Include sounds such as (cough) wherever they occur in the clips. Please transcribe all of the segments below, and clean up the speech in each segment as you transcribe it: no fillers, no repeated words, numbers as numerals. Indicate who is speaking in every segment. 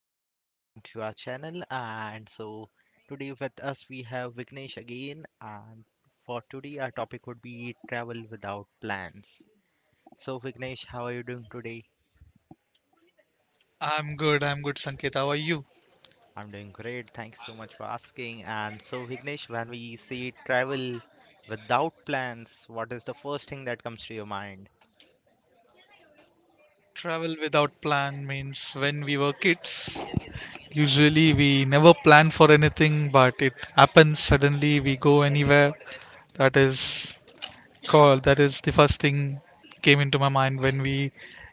Speaker 1: listeners, welcome to our channel. And so, today with us we have Vignesh again. And for today, our topic would be travel without plans. So, Vignesh, how are you doing today?
Speaker 2: I'm good, Sanket. How are you?
Speaker 1: I'm doing great. Thanks so much for asking. And so, Vignesh, when we say travel without plans, what is the first thing that comes to your mind?
Speaker 2: Travel without plan means when we were kids, usually we never plan for anything, but it happens suddenly. We go anywhere. That is that is the first thing came into my mind when we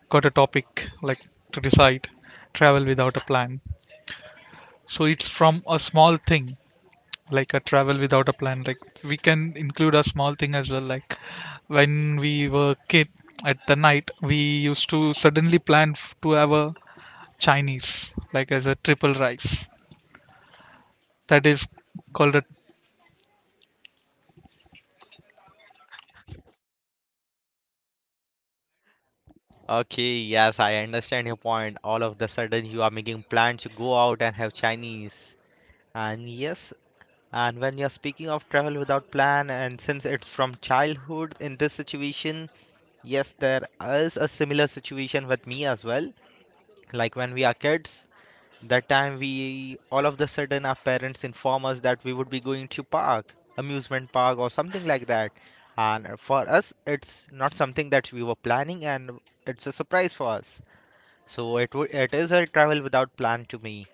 Speaker 2: got a topic like to decide travel without a plan. So it's from a small thing like a travel without a plan like we can include a small thing as well like when we were kid at the night we used to suddenly plan to have a chinese like as a triple rice that is called a
Speaker 1: Okay, yes, I understand your point. All of the sudden, you are making plans to go out and have Chinese. And yes, and when you're speaking of travel without plan, and since it's from childhood in this situation, yes, there is a similar situation with me as well. Like when we are kids, that time we all of the sudden our parents inform us that we would be going to park, amusement park or something like that. And for us, it's not something that we were planning, and it's a surprise for us. So it is a travel without plan to me.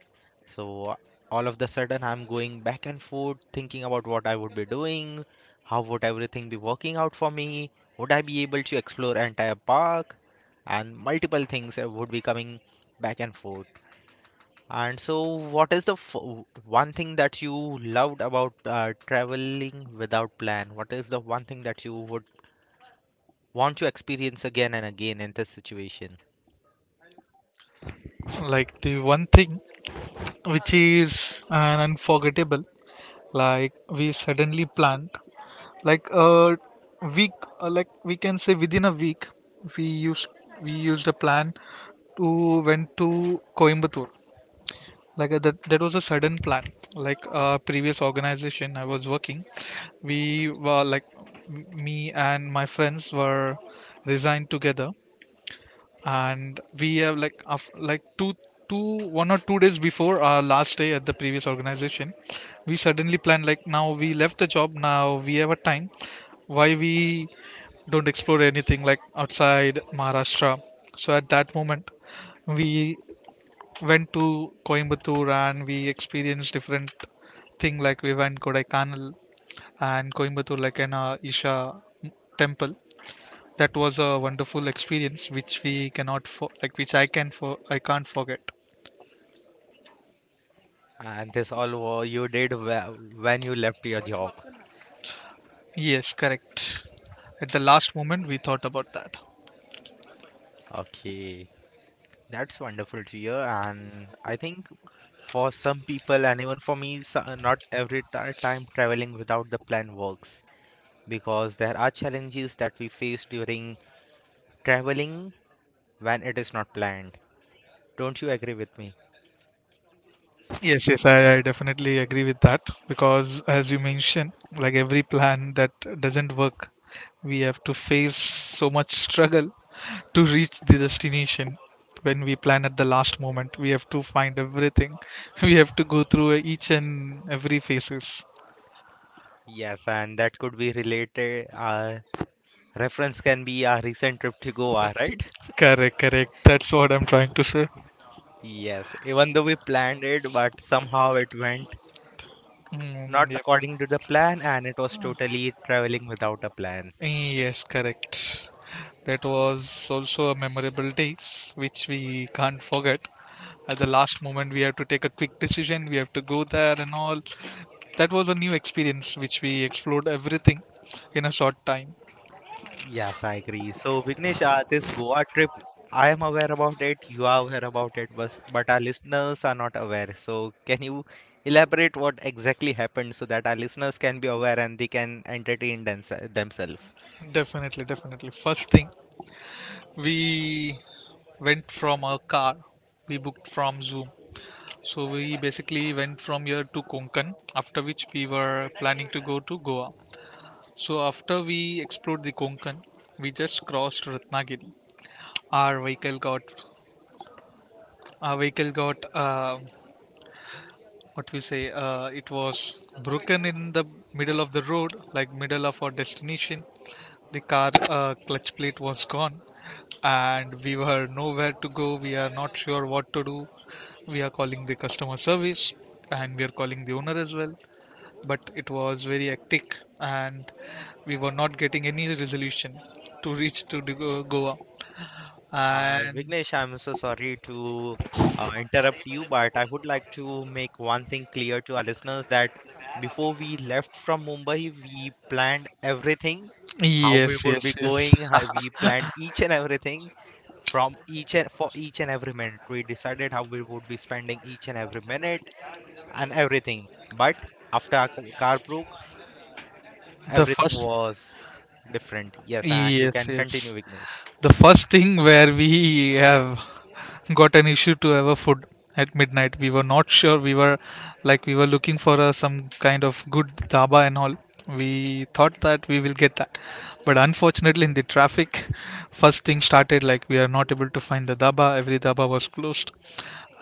Speaker 1: So all of the sudden I'm going back and forth thinking about what I would be doing, how would everything be working out for me, would I be able to explore entire park and multiple things would be coming back and forth. And so what is the one thing that you loved about traveling without plan? What is the one thing that you would want to experience again and again in this situation?
Speaker 2: like the one thing which is an unforgettable like we suddenly planned like a week like we can say within a week we used we used a plan to went to coimbatore like that was a sudden plan like previous organization I was working, we were like me and my friends were resigned together, and we have like like two two one or 2 days before our last day at the previous organization we suddenly planned like now we left the job now we have a time, why we don't explore anything like outside Maharashtra. So at that moment we went to Coimbatore and we experienced different thing like we went Kodaikanal and Coimbatore like an Isha temple. That was a wonderful experience which we cannot for like which I can for I can't forget.
Speaker 1: And this you when you left your job.
Speaker 2: Yes, correct. At the last moment we thought about that.
Speaker 1: Okay. That's wonderful to hear, and I think for some people, and even for me, not every time traveling without the plan works because there are challenges that we face during traveling when it is not planned. Don't you agree with me?
Speaker 2: Yes, yes, I definitely agree with that because, as you mentioned, like every plan that doesn't work, we have to face so much struggle to reach the destination. When we plan at the last moment, we have to find everything. (laughs) We have to go through each and every phases.
Speaker 1: Yes, and that could be related. Reference can be our recent trip to Goa,
Speaker 2: Isn't-
Speaker 1: right?
Speaker 2: Correct, correct. That's what I'm trying to say.
Speaker 1: Yes, even though we planned it, but somehow it went not
Speaker 2: Mm, yep.
Speaker 1: according to the plan, and it was totally traveling without a plan.
Speaker 2: Yes, correct. That was also a memorable days which we can't forget. At the last moment, we have to take a quick decision. We have to go there and all. That was a new experience which we explored everything in a short time.
Speaker 1: Yes, I agree. So, Vignesh, this Goa trip, I am aware about it. You are aware about it, but our listeners are not aware. So, can you elaborate what exactly happened so that our listeners can be aware and they can entertain themselves?
Speaker 2: Definitely, definitely. First thing, we went from our car. We booked from Zoom. So we basically went from here to Konkan, after which we were planning to go to Goa. So after we explored the Konkan, we just crossed Ratnagiri. Our vehicle got, our vehicle got, what we say, it was broken in the middle of the road, like middle of our destination. The car clutch plate was gone, and we were nowhere to go. We are not sure what to do. We are calling the customer service, and we are calling the owner as well, but it was very hectic and we were not getting any resolution to reach to the Goa. And
Speaker 1: Vignesh, I'm so sorry to interrupt you, but I would like to make one thing clear to our listeners that before we left from Mumbai, we planned everything, how we
Speaker 2: yes,
Speaker 1: would be
Speaker 2: yes, yes.
Speaker 1: going, how
Speaker 2: (laughs)
Speaker 1: we planned each and everything from each and for each and every minute. We decided how we would be spending each and every minute and everything. But after our car broke,
Speaker 2: the
Speaker 1: everything
Speaker 2: first,
Speaker 1: was different. Yes, and you
Speaker 2: yes,
Speaker 1: can continue,
Speaker 2: yes.
Speaker 1: Vignesh.
Speaker 2: The first thing where we have got an issue to our food at midnight. We were not sure. We were looking for some kind of good dhaba and all. We thought that we will get that, but unfortunately, in the traffic, first thing started like we are not able to find the dhaba. Every dhaba was closed,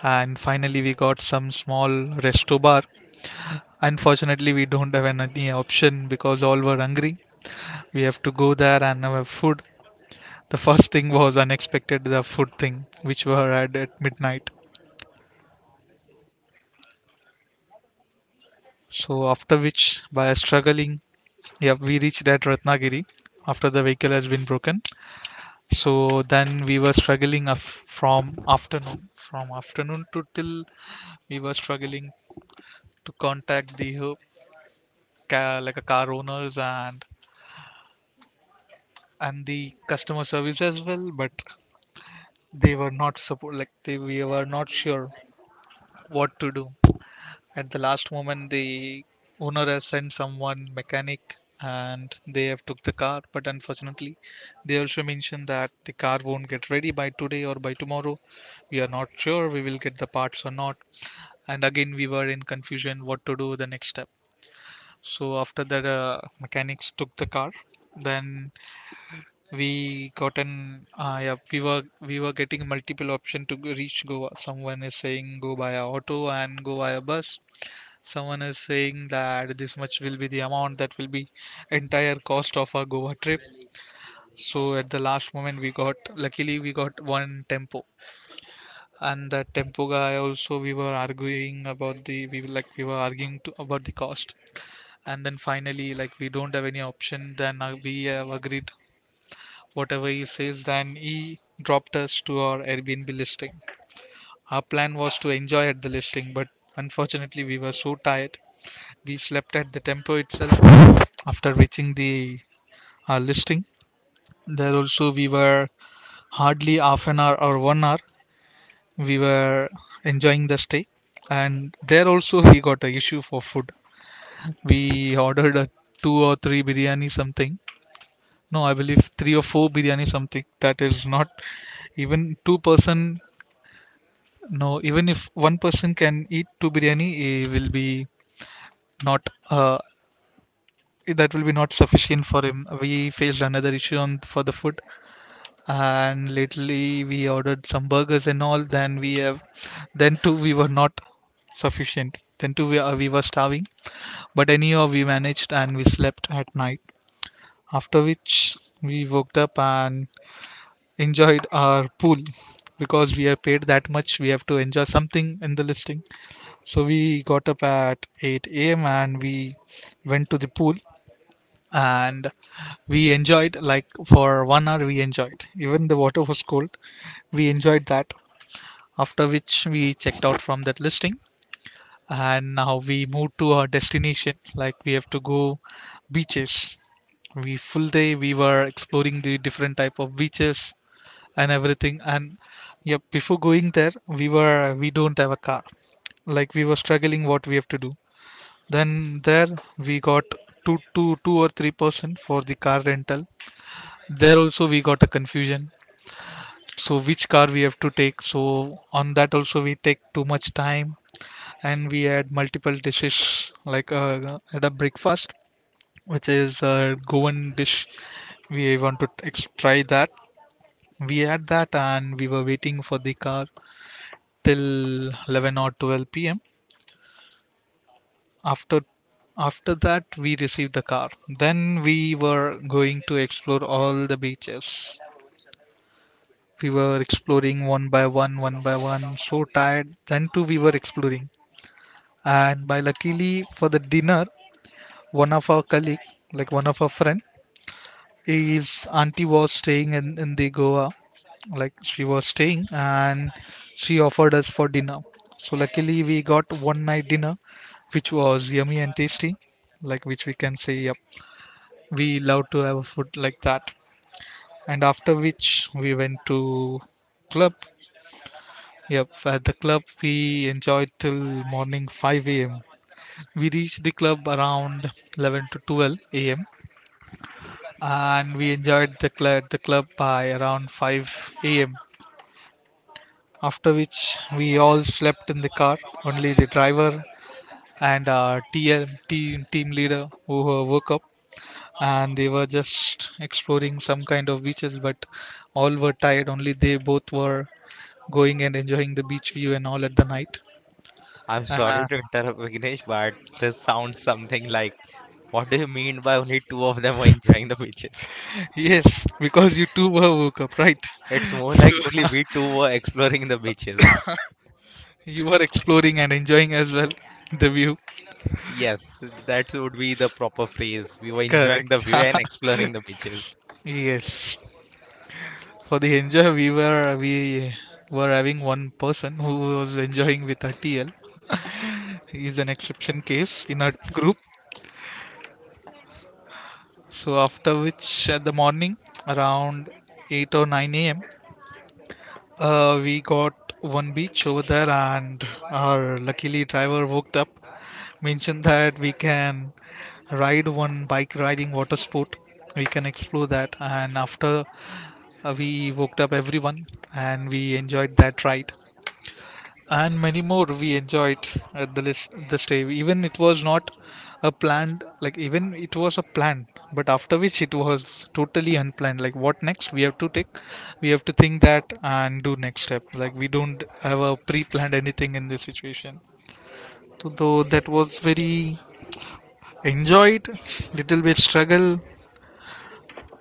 Speaker 2: and finally we got some small resto bar. Unfortunately, we don't have any option because all were hungry. We have to go there and have food. The first thing was unexpected, the food thing, which were had at midnight. So after which, by struggling, yeah, we reached at Ratnagiri after the vehicle has been broken. So then we were struggling from afternoon to till we were struggling to contact the like a car owners and the customer service as well, but they were not support, like they we were not sure what to do. At the last moment, the owner has sent someone mechanic and they have took the car, but unfortunately they also mentioned that the car won't get ready by today or by tomorrow, we are not sure we will get the parts or not, and again we were in confusion what to do the next step. So after that mechanics took the car, then we got an yeah, we were getting multiple option to reach Goa. Someone is saying go by a auto and go by a bus. Someone is saying that this much will be the amount that will be entire cost of our Goa trip. So at the last moment we got, luckily we got one tempo, and that tempo guy also we were arguing about the we were like we were arguing to, about the cost, and then finally like we don't have any option, then we have agreed whatever he says, then he dropped us to our Airbnb listing. Our plan was to enjoy at the listing, but unfortunately we were so tired. We slept at the tempo itself after reaching the listing. There also we were hardly half an hour or 1 hour. We were enjoying the stay, and there also we got an issue for food. We ordered a two or three biryani something. No, I believe three or four biryani something. That is not even two person. No, even if one person can eat two biryani, it will be not that will be not sufficient for him. We faced another issue on for the food, and literally we ordered some burgers and all, then we have then too we were not sufficient, then too we were starving, but anyhow we managed and we slept at night, after which we woke up and enjoyed our pool because we have paid that much we have to enjoy something in the listing. So we got up at 8 a.m and we went to the pool, and we enjoyed like for 1 hour we enjoyed, even the water was cold we enjoyed that. After which we checked out from that listing, and now we moved to our destination, like we have to go beaches. We full day we were exploring the different type of beaches and everything. And yeah, before going there we were, we don't have a car, like we were struggling what we have to do, then there we got two or three person for the car rental. There also we got a confusion, so which car we have to take, so on that also we take too much time, and we had multiple dishes like at a breakfast which is a goan dish we want to try that. We had that and we were waiting for the car till 11 or 12 p.m. After after that we received the car, then we were going to explore all the beaches. We were exploring one by one, so tired. Then too we were exploring. And by luckily for the dinner, one of our colleague, like one of our friend, his auntie was staying in the Goa. Like she was staying and she offered us for dinner. So luckily we got one night dinner which was yummy and tasty. Like which we can say, yep, we love to have food like that. And after which we went to club. Yep, at the club we enjoyed till morning 5 a.m. We reached the club around 11 to 12 a.m., and we enjoyed the the club by around 5 a.m. After which we all slept in the car. Only the driver and our TM team leader who woke up, and they were just exploring some kind of beaches, but all were tired. Only they both were going and enjoying the beach view and all at the night.
Speaker 1: I'm sorry
Speaker 2: Uh,
Speaker 1: to interrupt, Vignesh, but this sounds something like, what do you mean by only two of them were enjoying the beaches?
Speaker 2: Yes, because you too were woke up, right?
Speaker 1: It's
Speaker 2: (laughs)
Speaker 1: more
Speaker 2: So
Speaker 1: like only
Speaker 2: (laughs)
Speaker 1: we two were exploring the beaches.
Speaker 2: you were exploring and enjoying as well the view.
Speaker 1: Yes, that would be the proper phrase. We were enjoying
Speaker 2: Correct.
Speaker 1: the view and
Speaker 2: (laughs)
Speaker 1: exploring the beaches.
Speaker 2: Yes. For the enjoy, we were having one person who was enjoying with her TL. He is an exception case in our group. So after which, at the morning around eight or nine a.m., we got one beach over there, and our luckily driver woke up, mentioned that we can ride one bike riding water sport. We can explore that. And after we woke up everyone and we enjoyed that ride. And many more we enjoyed at the list the stay. Even it was not a planned, like even it was a plan, but after which it was totally unplanned. Like what next? We have to think that and do next step. Like we don't have a pre planned anything in this situation. So though that was very enjoyed, little bit struggle,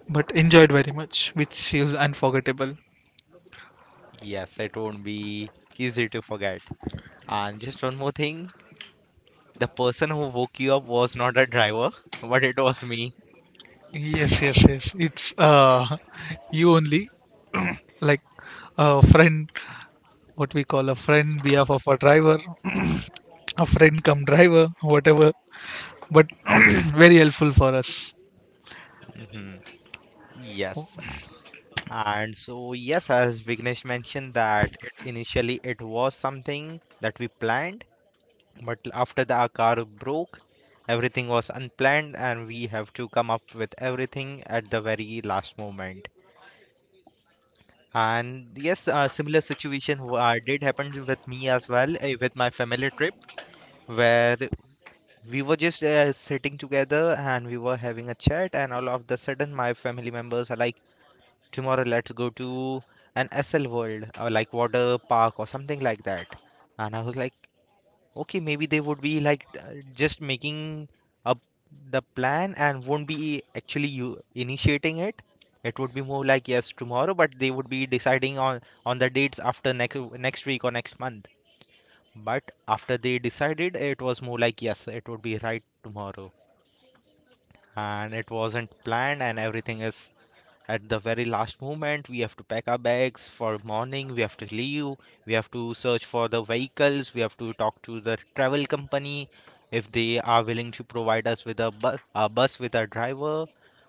Speaker 2: but enjoyed very much, which is unforgettable.
Speaker 1: Yes, it won't be easy to forget. And just one more thing, the person who woke you up was not a driver, but it was me.
Speaker 2: Yes, yes, yes. It's (laughs) you only like a friend, what we call a friend behalf of a driver, a friend come driver, whatever. But (clears throat) very helpful for us.
Speaker 1: Mhm. Yes, and so, yes, as Vignesh mentioned that it, initially it was something that we planned, but after the our car broke, everything was unplanned, and we have to come up with everything at the very last moment. And yes, a similar situation did happen with me as well, with my family trip, where we were just sitting together and we were having a chat, and all of the sudden my family members are like. Tomorrow, let's go to an SL World, like water park or something like that. And I was like, okay, maybe they would be like just making up the plan and won't be actually you initiating it. It would be more like yes tomorrow, but they would be deciding on the dates after next week or next month. But after they decided, it was more like yes, it would be right tomorrow, and it wasn't planned, and everything is at the very last moment. We have to pack our bags. For morning we have to leave, we have to search for the vehicles, we have to talk to the travel company if they are willing to provide us with a bus with a driver,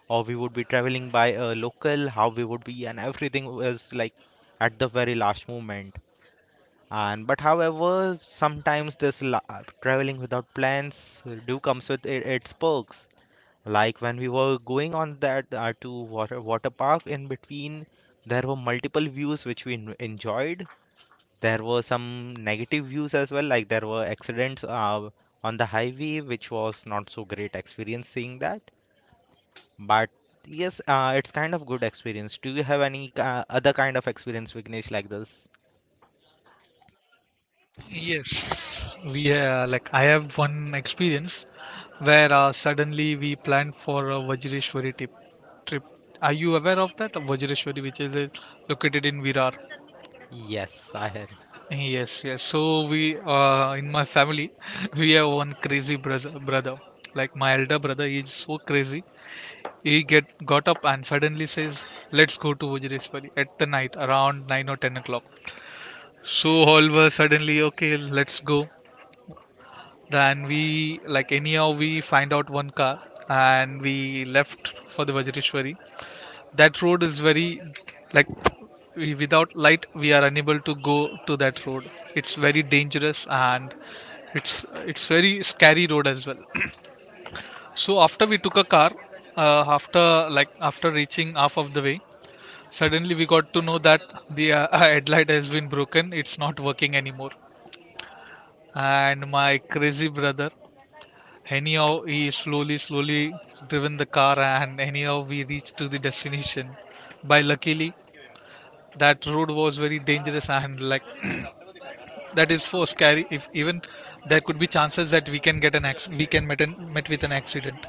Speaker 1: or we would be traveling by a local. How we would be, and everything was like at the very last moment. And but however, sometimes this traveling without plans do comes with its perks, like when we were going on that to water park, in between there were multiple views which we enjoyed. There were some negative views as well, like there were accidents on the highway, which was not so great experience seeing that. But yes, it's kind of good experience. Do you have any other kind of experience, Vignesh, like this?
Speaker 2: Yes, we like I have one experience where suddenly we planned for a Vajreshwari trip. Are you aware of that Vajreshwari, which is located in Virar?
Speaker 1: Yes, I have.
Speaker 2: Yes, yes. So we, in my family, (laughs) we have one crazy brother. Like my elder brother, he is so crazy. He get got up and suddenly says, "Let's go to Vajreshwari at the night around 9 or 10 o'clock." So all were suddenly okay. Let's go. Then we, like, anyhow we find out one car and we left for the Vajreshwari. That road is very, like, we, without light, we are unable to go to that road. It's very dangerous, and it's very scary road as well. So after we took a car, after, like, after reaching half of the way, suddenly we got to know that the (laughs) headlight has been broken, it's not working anymore. And my crazy brother, anyhow, he slowly slowly driven the car, and anyhow we reached to the destination, by luckily. That road was very dangerous, and like, (clears throat) that is for scary. If even, there could be chances that we can get an we can met, an, met with an accident.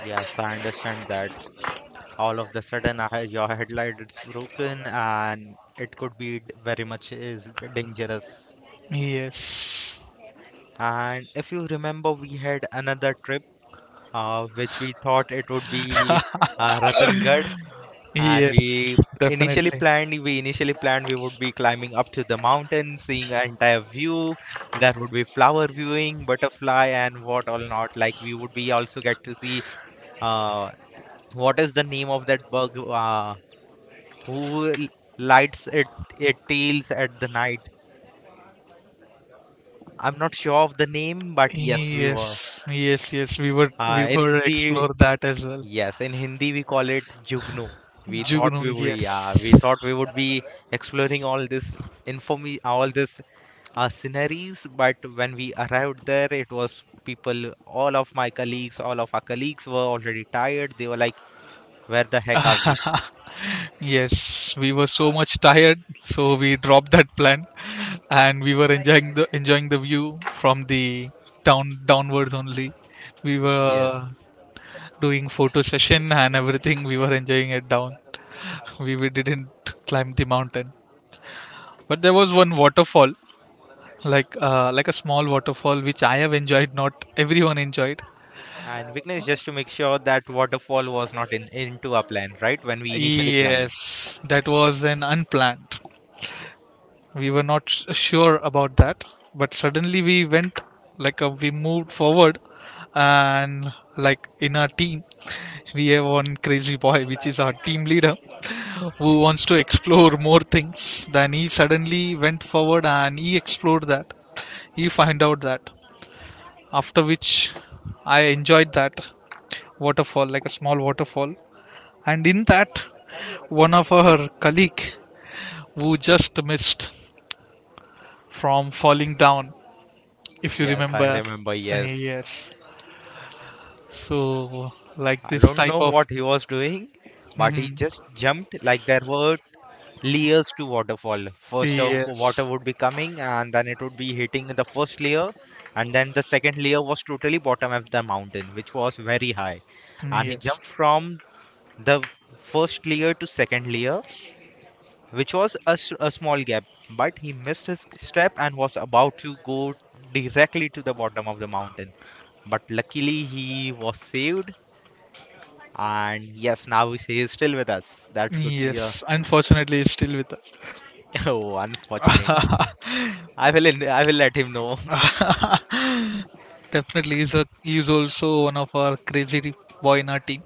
Speaker 1: Yes, I understand that. All of the sudden your headlight is broken and it could be very much is dangerous.
Speaker 2: Yes,
Speaker 1: And if you remember, we had another trip which we thought it would be Ratan-garh, and
Speaker 2: yes, definitely.
Speaker 1: we initially planned we would be climbing up to the mountain, seeing an entire view. There would be flower viewing, butterfly, and what all not, like we would be also get to see, uh, what is the name of that bug, who lights it, it tails at the night. I'm not sure of the name, but yes, we were.
Speaker 2: Yes, yes, yes, we were we
Speaker 1: In
Speaker 2: were
Speaker 1: Hindi,
Speaker 2: explore that as well.
Speaker 1: yes, in Hindi we call it Jugnu. We thought
Speaker 2: Jugnu,
Speaker 1: we would,
Speaker 2: yes.
Speaker 1: yeah, we thought we would be exploring all this informi all this sceneries, but when we arrived there, it was people, all of my colleagues, all of our colleagues were already tired. They were like, "Where the heck are we?"
Speaker 2: Yes, we were so much tired, so we dropped that plan, and we were enjoying the view from the downwards only. We were
Speaker 1: Yes.
Speaker 2: doing photo session (laughs) and everything. We were enjoying it down. (laughs) We didn't climb the mountain, but there was one waterfall, like a small waterfall, which I have enjoyed. Not everyone enjoyed.
Speaker 1: And Vignesh, just to make sure that waterfall was not in into our plan, right? When we initially planned.
Speaker 2: Yes, that was an unplanned.
Speaker 1: Yes.
Speaker 2: We were not sure about that, but suddenly we went, like we moved forward. And like in our team (laughs) we have one crazy boy which is our team leader, who wants to explore more things. Then he suddenly went forward and he explored that. He find out that, after which I enjoyed that waterfall, like a small waterfall. And in that, one of our colleague who just missed from falling down, if you
Speaker 1: Yes, I
Speaker 2: remember. (laughs)
Speaker 1: remember. Yes.
Speaker 2: Yes, so, like
Speaker 1: I
Speaker 2: this
Speaker 1: don't
Speaker 2: type
Speaker 1: know
Speaker 2: of.
Speaker 1: what he was doing,
Speaker 2: (laughs)
Speaker 1: but he
Speaker 2: Mhm.
Speaker 1: just jumped. Like there were layers to waterfall. First of water
Speaker 2: Yes,
Speaker 1: would be coming, and then it would be hitting the first layer, and then the second layer was totally bottom of the mountain, which was very high. And he
Speaker 2: yes,
Speaker 1: jumped from the first layer to second layer, which was a small gap, but he missed his step and was about to go directly to the bottom of the mountain. But luckily, he was saved, and yes, now he is still with us. That's good to hear.
Speaker 2: yes,
Speaker 1: (laughs)
Speaker 2: unfortunately it's still with us.
Speaker 1: Oh, unfortunately, I will let him know. (laughs)
Speaker 2: Definitely, he's, a, he's also one of our crazy boy in our team.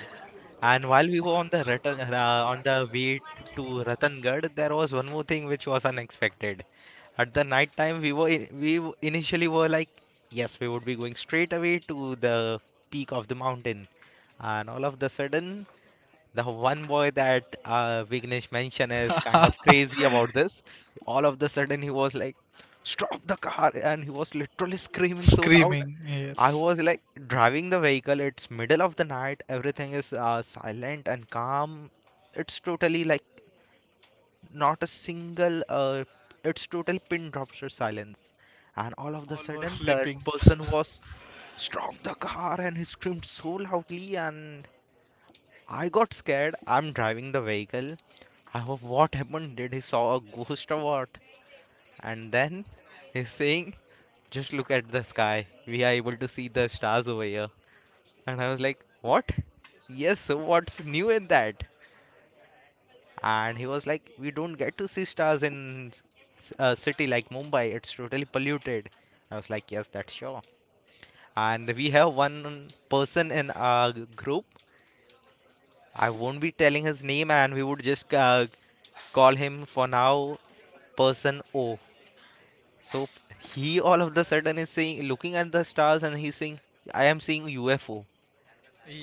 Speaker 1: Yes. And while we were on the Ratan, on the way to Ratangarh, there was one more thing which was unexpected. At the night time, we initially were like, yes, we would be going straight away to the peak of the mountain, and all of the sudden, the one boy that Vignesh mentioned is kind of crazy about this. All of the sudden, he was like, stop the car, and he was literally screaming so loud.
Speaker 2: Screaming,
Speaker 1: I
Speaker 2: yes.
Speaker 1: was like driving the vehicle. It's middle of the night. Everything is silent and calm. It's totally like not a single it's total pin drops or silence. And all of the
Speaker 2: All were
Speaker 1: sudden that
Speaker 2: sleeping.
Speaker 1: person was stopped the car and he screamed so loudly, and I got scared. I'm driving the vehicle. I hope, what happened? Did he saw a ghost or what? And then he's saying, just look at the sky, we are able to see the stars over here. And I was like, what? Yes, so what's new in that? And he was like, we don't get to see stars in a city like Mumbai, it's totally polluted. I was like, yes, that's sure. And we have one person in our group, I won't be telling his name, and we would just call him for now person O. So he all of the sudden is saying, looking at the stars, and he's saying, I am seeing UFO.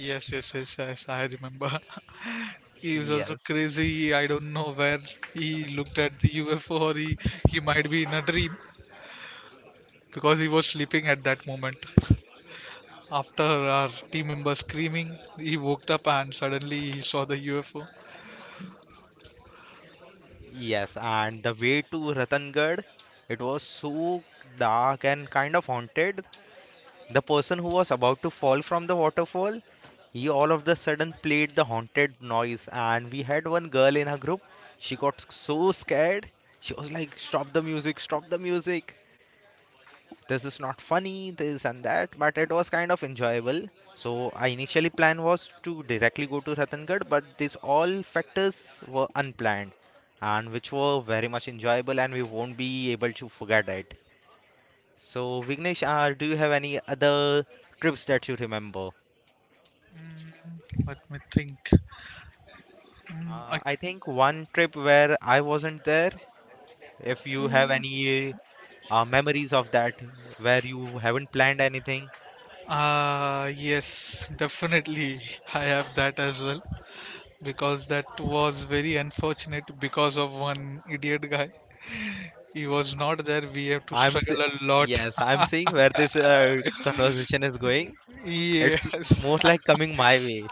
Speaker 2: Yes, yes, yes, yes, I remember. (laughs) He was also
Speaker 1: Yes,
Speaker 2: crazy. I don't know where he looked at the UFO, or he might be in a dream because he was sleeping at that moment. After our team member screaming, he woke up and suddenly he saw the UFO.
Speaker 1: yes. And the way to Ratangarh, it was so dark and kind of haunted. The person who was about to fall from the waterfall, he all of the sudden played the haunted noise. And we had one girl in her group. She got so scared. She was like, "Stop the music! Stop the music! This is not funny. This and that." But it was kind of enjoyable. So I initially plan was to directly go to Ratan, but these all factors were unplanned, and which were very much enjoyable, and we won't be able to forget it. So, Vignesh, do you have any other trips that you remember?
Speaker 2: Let me think. Mm,
Speaker 1: I think one trip where I wasn't there, if you have any memories of that, where you haven't planned anything.
Speaker 2: I, yes, definitely. I have that as well, because that was very unfortunate because of one idiot guy. He was not there. We have to
Speaker 1: I'm se-
Speaker 2: struggle a lot.
Speaker 1: yes, I'm seeing where this conversation is going.
Speaker 2: (laughs)
Speaker 1: It's
Speaker 2: Yes.
Speaker 1: more like
Speaker 2: (laughs)
Speaker 1: coming my way.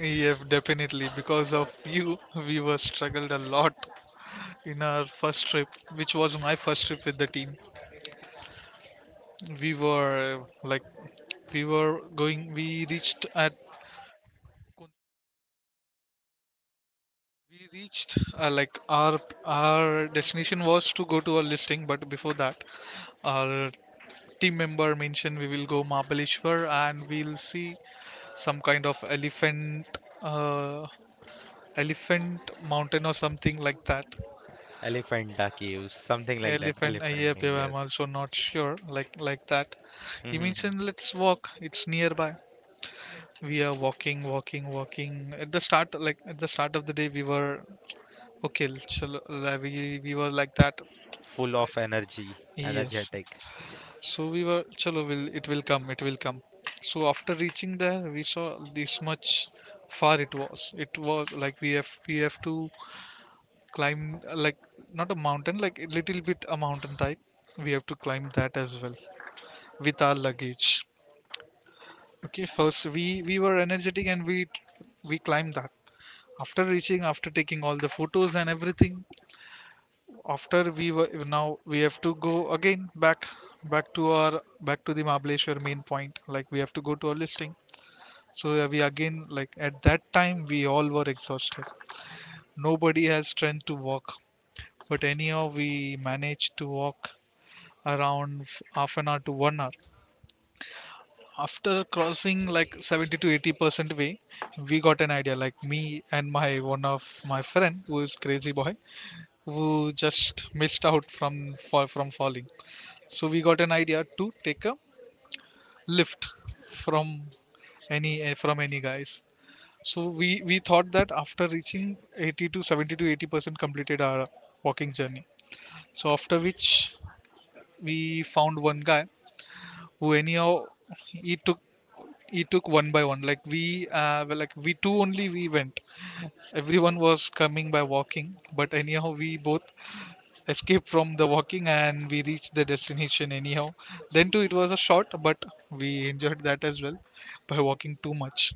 Speaker 2: Yes, definitely. Because of you, we were struggled a lot in our first trip, which was my first trip with the team. We were like, we were going. We reached like our destination was to go to a listing, but before that, our team member mentioned we will go Mahabaleshwar and we'll see some kind of elephant, uh, elephant mountain or something like that.
Speaker 1: Elephanta Caves, something like that.
Speaker 2: Elephant,
Speaker 1: Elephant,
Speaker 2: yep, yep, I'm
Speaker 1: yes.
Speaker 2: also not sure, like that. He
Speaker 1: Hmm.
Speaker 2: mentioned let's walk. It's nearby. We are walking, walking, walking. At the start, like at the start of the day, we were okay. We were like that.
Speaker 1: Full of energy,
Speaker 2: Yes.
Speaker 1: energetic. Yes.
Speaker 2: So we were, chalo, will it will come, it will come. So after reaching there, we saw this much far it was. It was like we have to climb, like, not a mountain, like a little bit a mountain type. We have to climb that as well with our luggage. Okay, first we were energetic and we climbed that. After reaching, after taking all the photos and everything, after we were, now we have to go again back to the Mahabaleshwar main point, like we have to go to our listing. So yeah, we again, like at that time we all were exhausted. Nobody has strength to walk, but anyhow we managed to walk around half an hour to 1 hour. After crossing like 70 to 80% way, we got an idea, like me and my one of my friend who is crazy boy, who just missed out from falling. So we got an idea to take a lift from any from any guys. So we thought that after reaching 80 to 70 to 80% completed our walking journey. So after which we found one guy who anyhow he took one by one. Like we, well, like we two only we went. Everyone was coming by walking, but anyhow we both escape from the walking and we reached the destination anyhow. Then too, it was a short, but we enjoyed that as well by walking too much.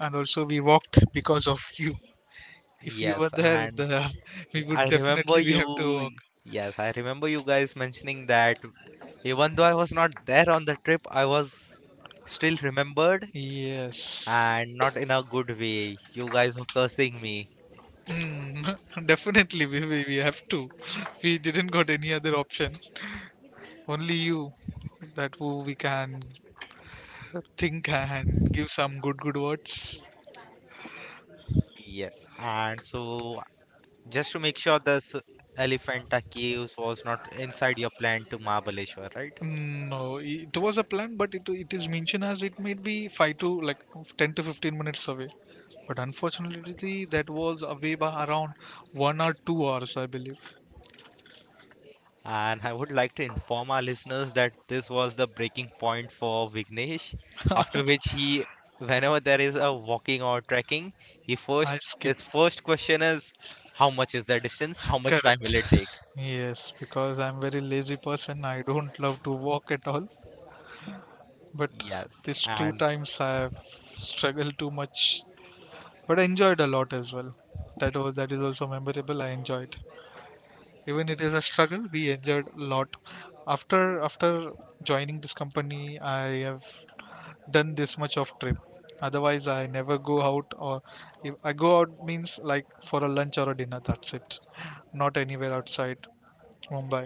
Speaker 2: And also, we walked because of you. If you
Speaker 1: Yes,
Speaker 2: were there,
Speaker 1: and
Speaker 2: the (laughs)
Speaker 1: yeah,
Speaker 2: we would,
Speaker 1: I remember
Speaker 2: definitely we have to
Speaker 1: you.
Speaker 2: walk.
Speaker 1: Yes, I remember you guys mentioning that even though I was not there on the trip, I was still remembered,
Speaker 2: Yes.
Speaker 1: and not in a good way. You guys were cursing me.
Speaker 2: Mm, (laughs) definitely we we have to. (laughs) We didn't got any other option. Only you that who we can think and give some good good words.
Speaker 1: Yes, and so just to make sure this Elephanta Caves was not inside your plan to Mahabaleshwar, right?
Speaker 2: Mm, no, it was a plan, but it is mentioned as it might be five to like 10 to 15 minutes away. But unfortunately, that was away by around 1 or 2 hours, I believe.
Speaker 1: And I would like to inform our listeners that this was the breaking point for Vignesh, after which he, whenever there is a walking or trekking, he
Speaker 2: I
Speaker 1: first
Speaker 2: skipped.
Speaker 1: his first question is, how much is the distance? How much time
Speaker 2: Correct.
Speaker 1: will it take?
Speaker 2: Yes, because I'm very lazy person. I don't love to walk at all. But
Speaker 1: Yes,
Speaker 2: these two
Speaker 1: and
Speaker 2: times I have struggled too much. But I enjoyed a lot as well. That was, that is also memorable. I enjoyed. Even it is a struggle, we enjoyed a lot. After, after joining this company, I have done this much of trip. Otherwise I never go out, or if I go out means like for a lunch or a dinner, that's it. Not anywhere outside Mumbai.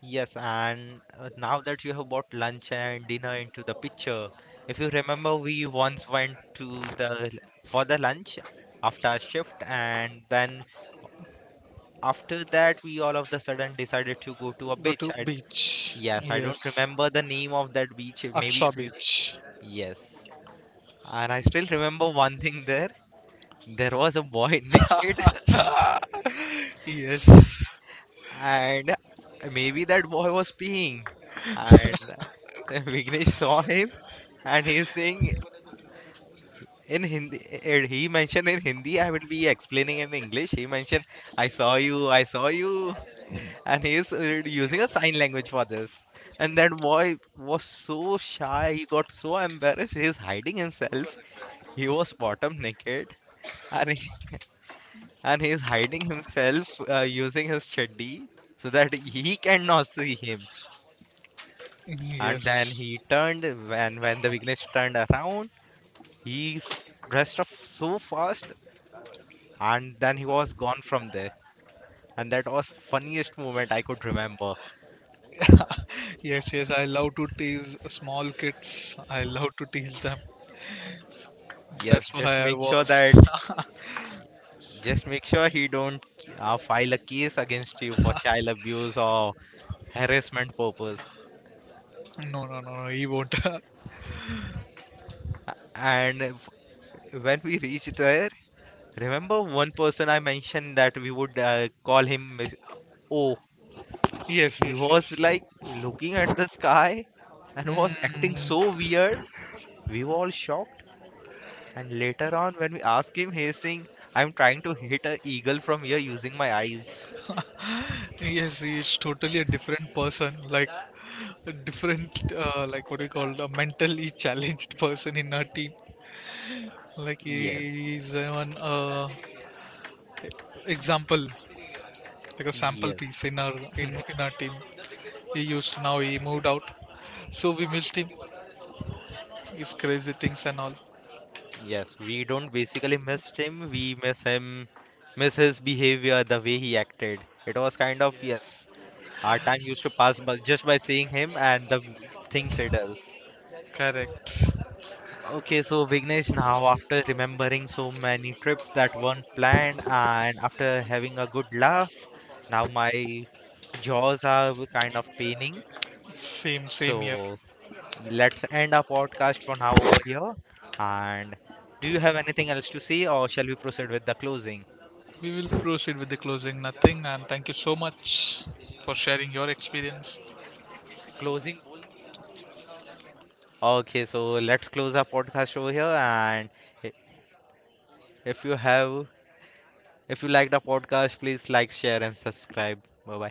Speaker 1: yes, and now that you have brought lunch and dinner into the picture, if you remember, we once went to the for the lunch after our shift, and then after that we all of the sudden decided to go to a
Speaker 2: Go to
Speaker 1: beach. I
Speaker 2: beach.
Speaker 1: yes, I
Speaker 2: Yes,
Speaker 1: don't remember the name of that beach. Maybe
Speaker 2: Aksha
Speaker 1: if you.
Speaker 2: Beach.
Speaker 1: Yes. And I still remember one thing there. There was a boy (laughs) naked,
Speaker 2: Yes,
Speaker 1: and maybe that boy was peeing. And (laughs) Vignesh saw him, and he's saying in Hindi, and he mentioned in Hindi, I will be explaining in English. He mentioned, I saw you, I saw you. And he's using a sign language for this. And that boy was so shy, he got so embarrassed, he's hiding himself. He was bottom naked and he's hiding himself using his chaddi so that he cannot see him. And then
Speaker 2: yes,
Speaker 1: he turned when the Vignesh turned around, he s- dressed up so fast and then he was gone from there. And that was funniest moment I could remember.
Speaker 2: yes, yes, I love to tease small kids. I love to tease them.
Speaker 1: Yes,
Speaker 2: That's
Speaker 1: just
Speaker 2: why I
Speaker 1: make sure
Speaker 2: was.
Speaker 1: that
Speaker 2: (laughs)
Speaker 1: just make sure he don't file a case against you for child abuse or harassment purpose.
Speaker 2: No, no, no, no, he won't. (laughs)
Speaker 1: And f- when we reached there, remember one person I mentioned that we would call him O.
Speaker 2: Yes,
Speaker 1: He
Speaker 2: yes,
Speaker 1: was
Speaker 2: yes.
Speaker 1: like looking at the sky and was acting
Speaker 2: Mm,
Speaker 1: so weird. We were all shocked. And later on, when we asked him, he's saying, I'm trying to hit a eagle from here using my eyes.
Speaker 2: yes, he's totally a different person, like a different, like what we call a mentally (laughs) challenged person in our team. Like
Speaker 1: Yes,
Speaker 2: he's an example, like a sample piece
Speaker 1: yes,
Speaker 2: in our team. He used, now he moved out, so we missed him. His crazy things and all.
Speaker 1: yes. We don't basically miss him. We miss him, miss his behavior, the way he acted. It was kind of, yes,
Speaker 2: Yes,
Speaker 1: our time used to pass by just by seeing him and the things he does.
Speaker 2: correct.
Speaker 1: Okay, so Vignesh, now after remembering so many trips that weren't planned and after having a good laugh, now my jaws are kind of paining.
Speaker 2: Same, same here.
Speaker 1: So let's end our podcast for now over here. And do you have anything else to say, or shall we proceed with the closing?
Speaker 2: We will proceed with the closing. Nothing, and thank you so much for sharing your experience.
Speaker 1: Closing bowl. Okay, so let's close our podcast over here. And i- if you have, if you like the podcast, please like, share, and subscribe. Bye bye.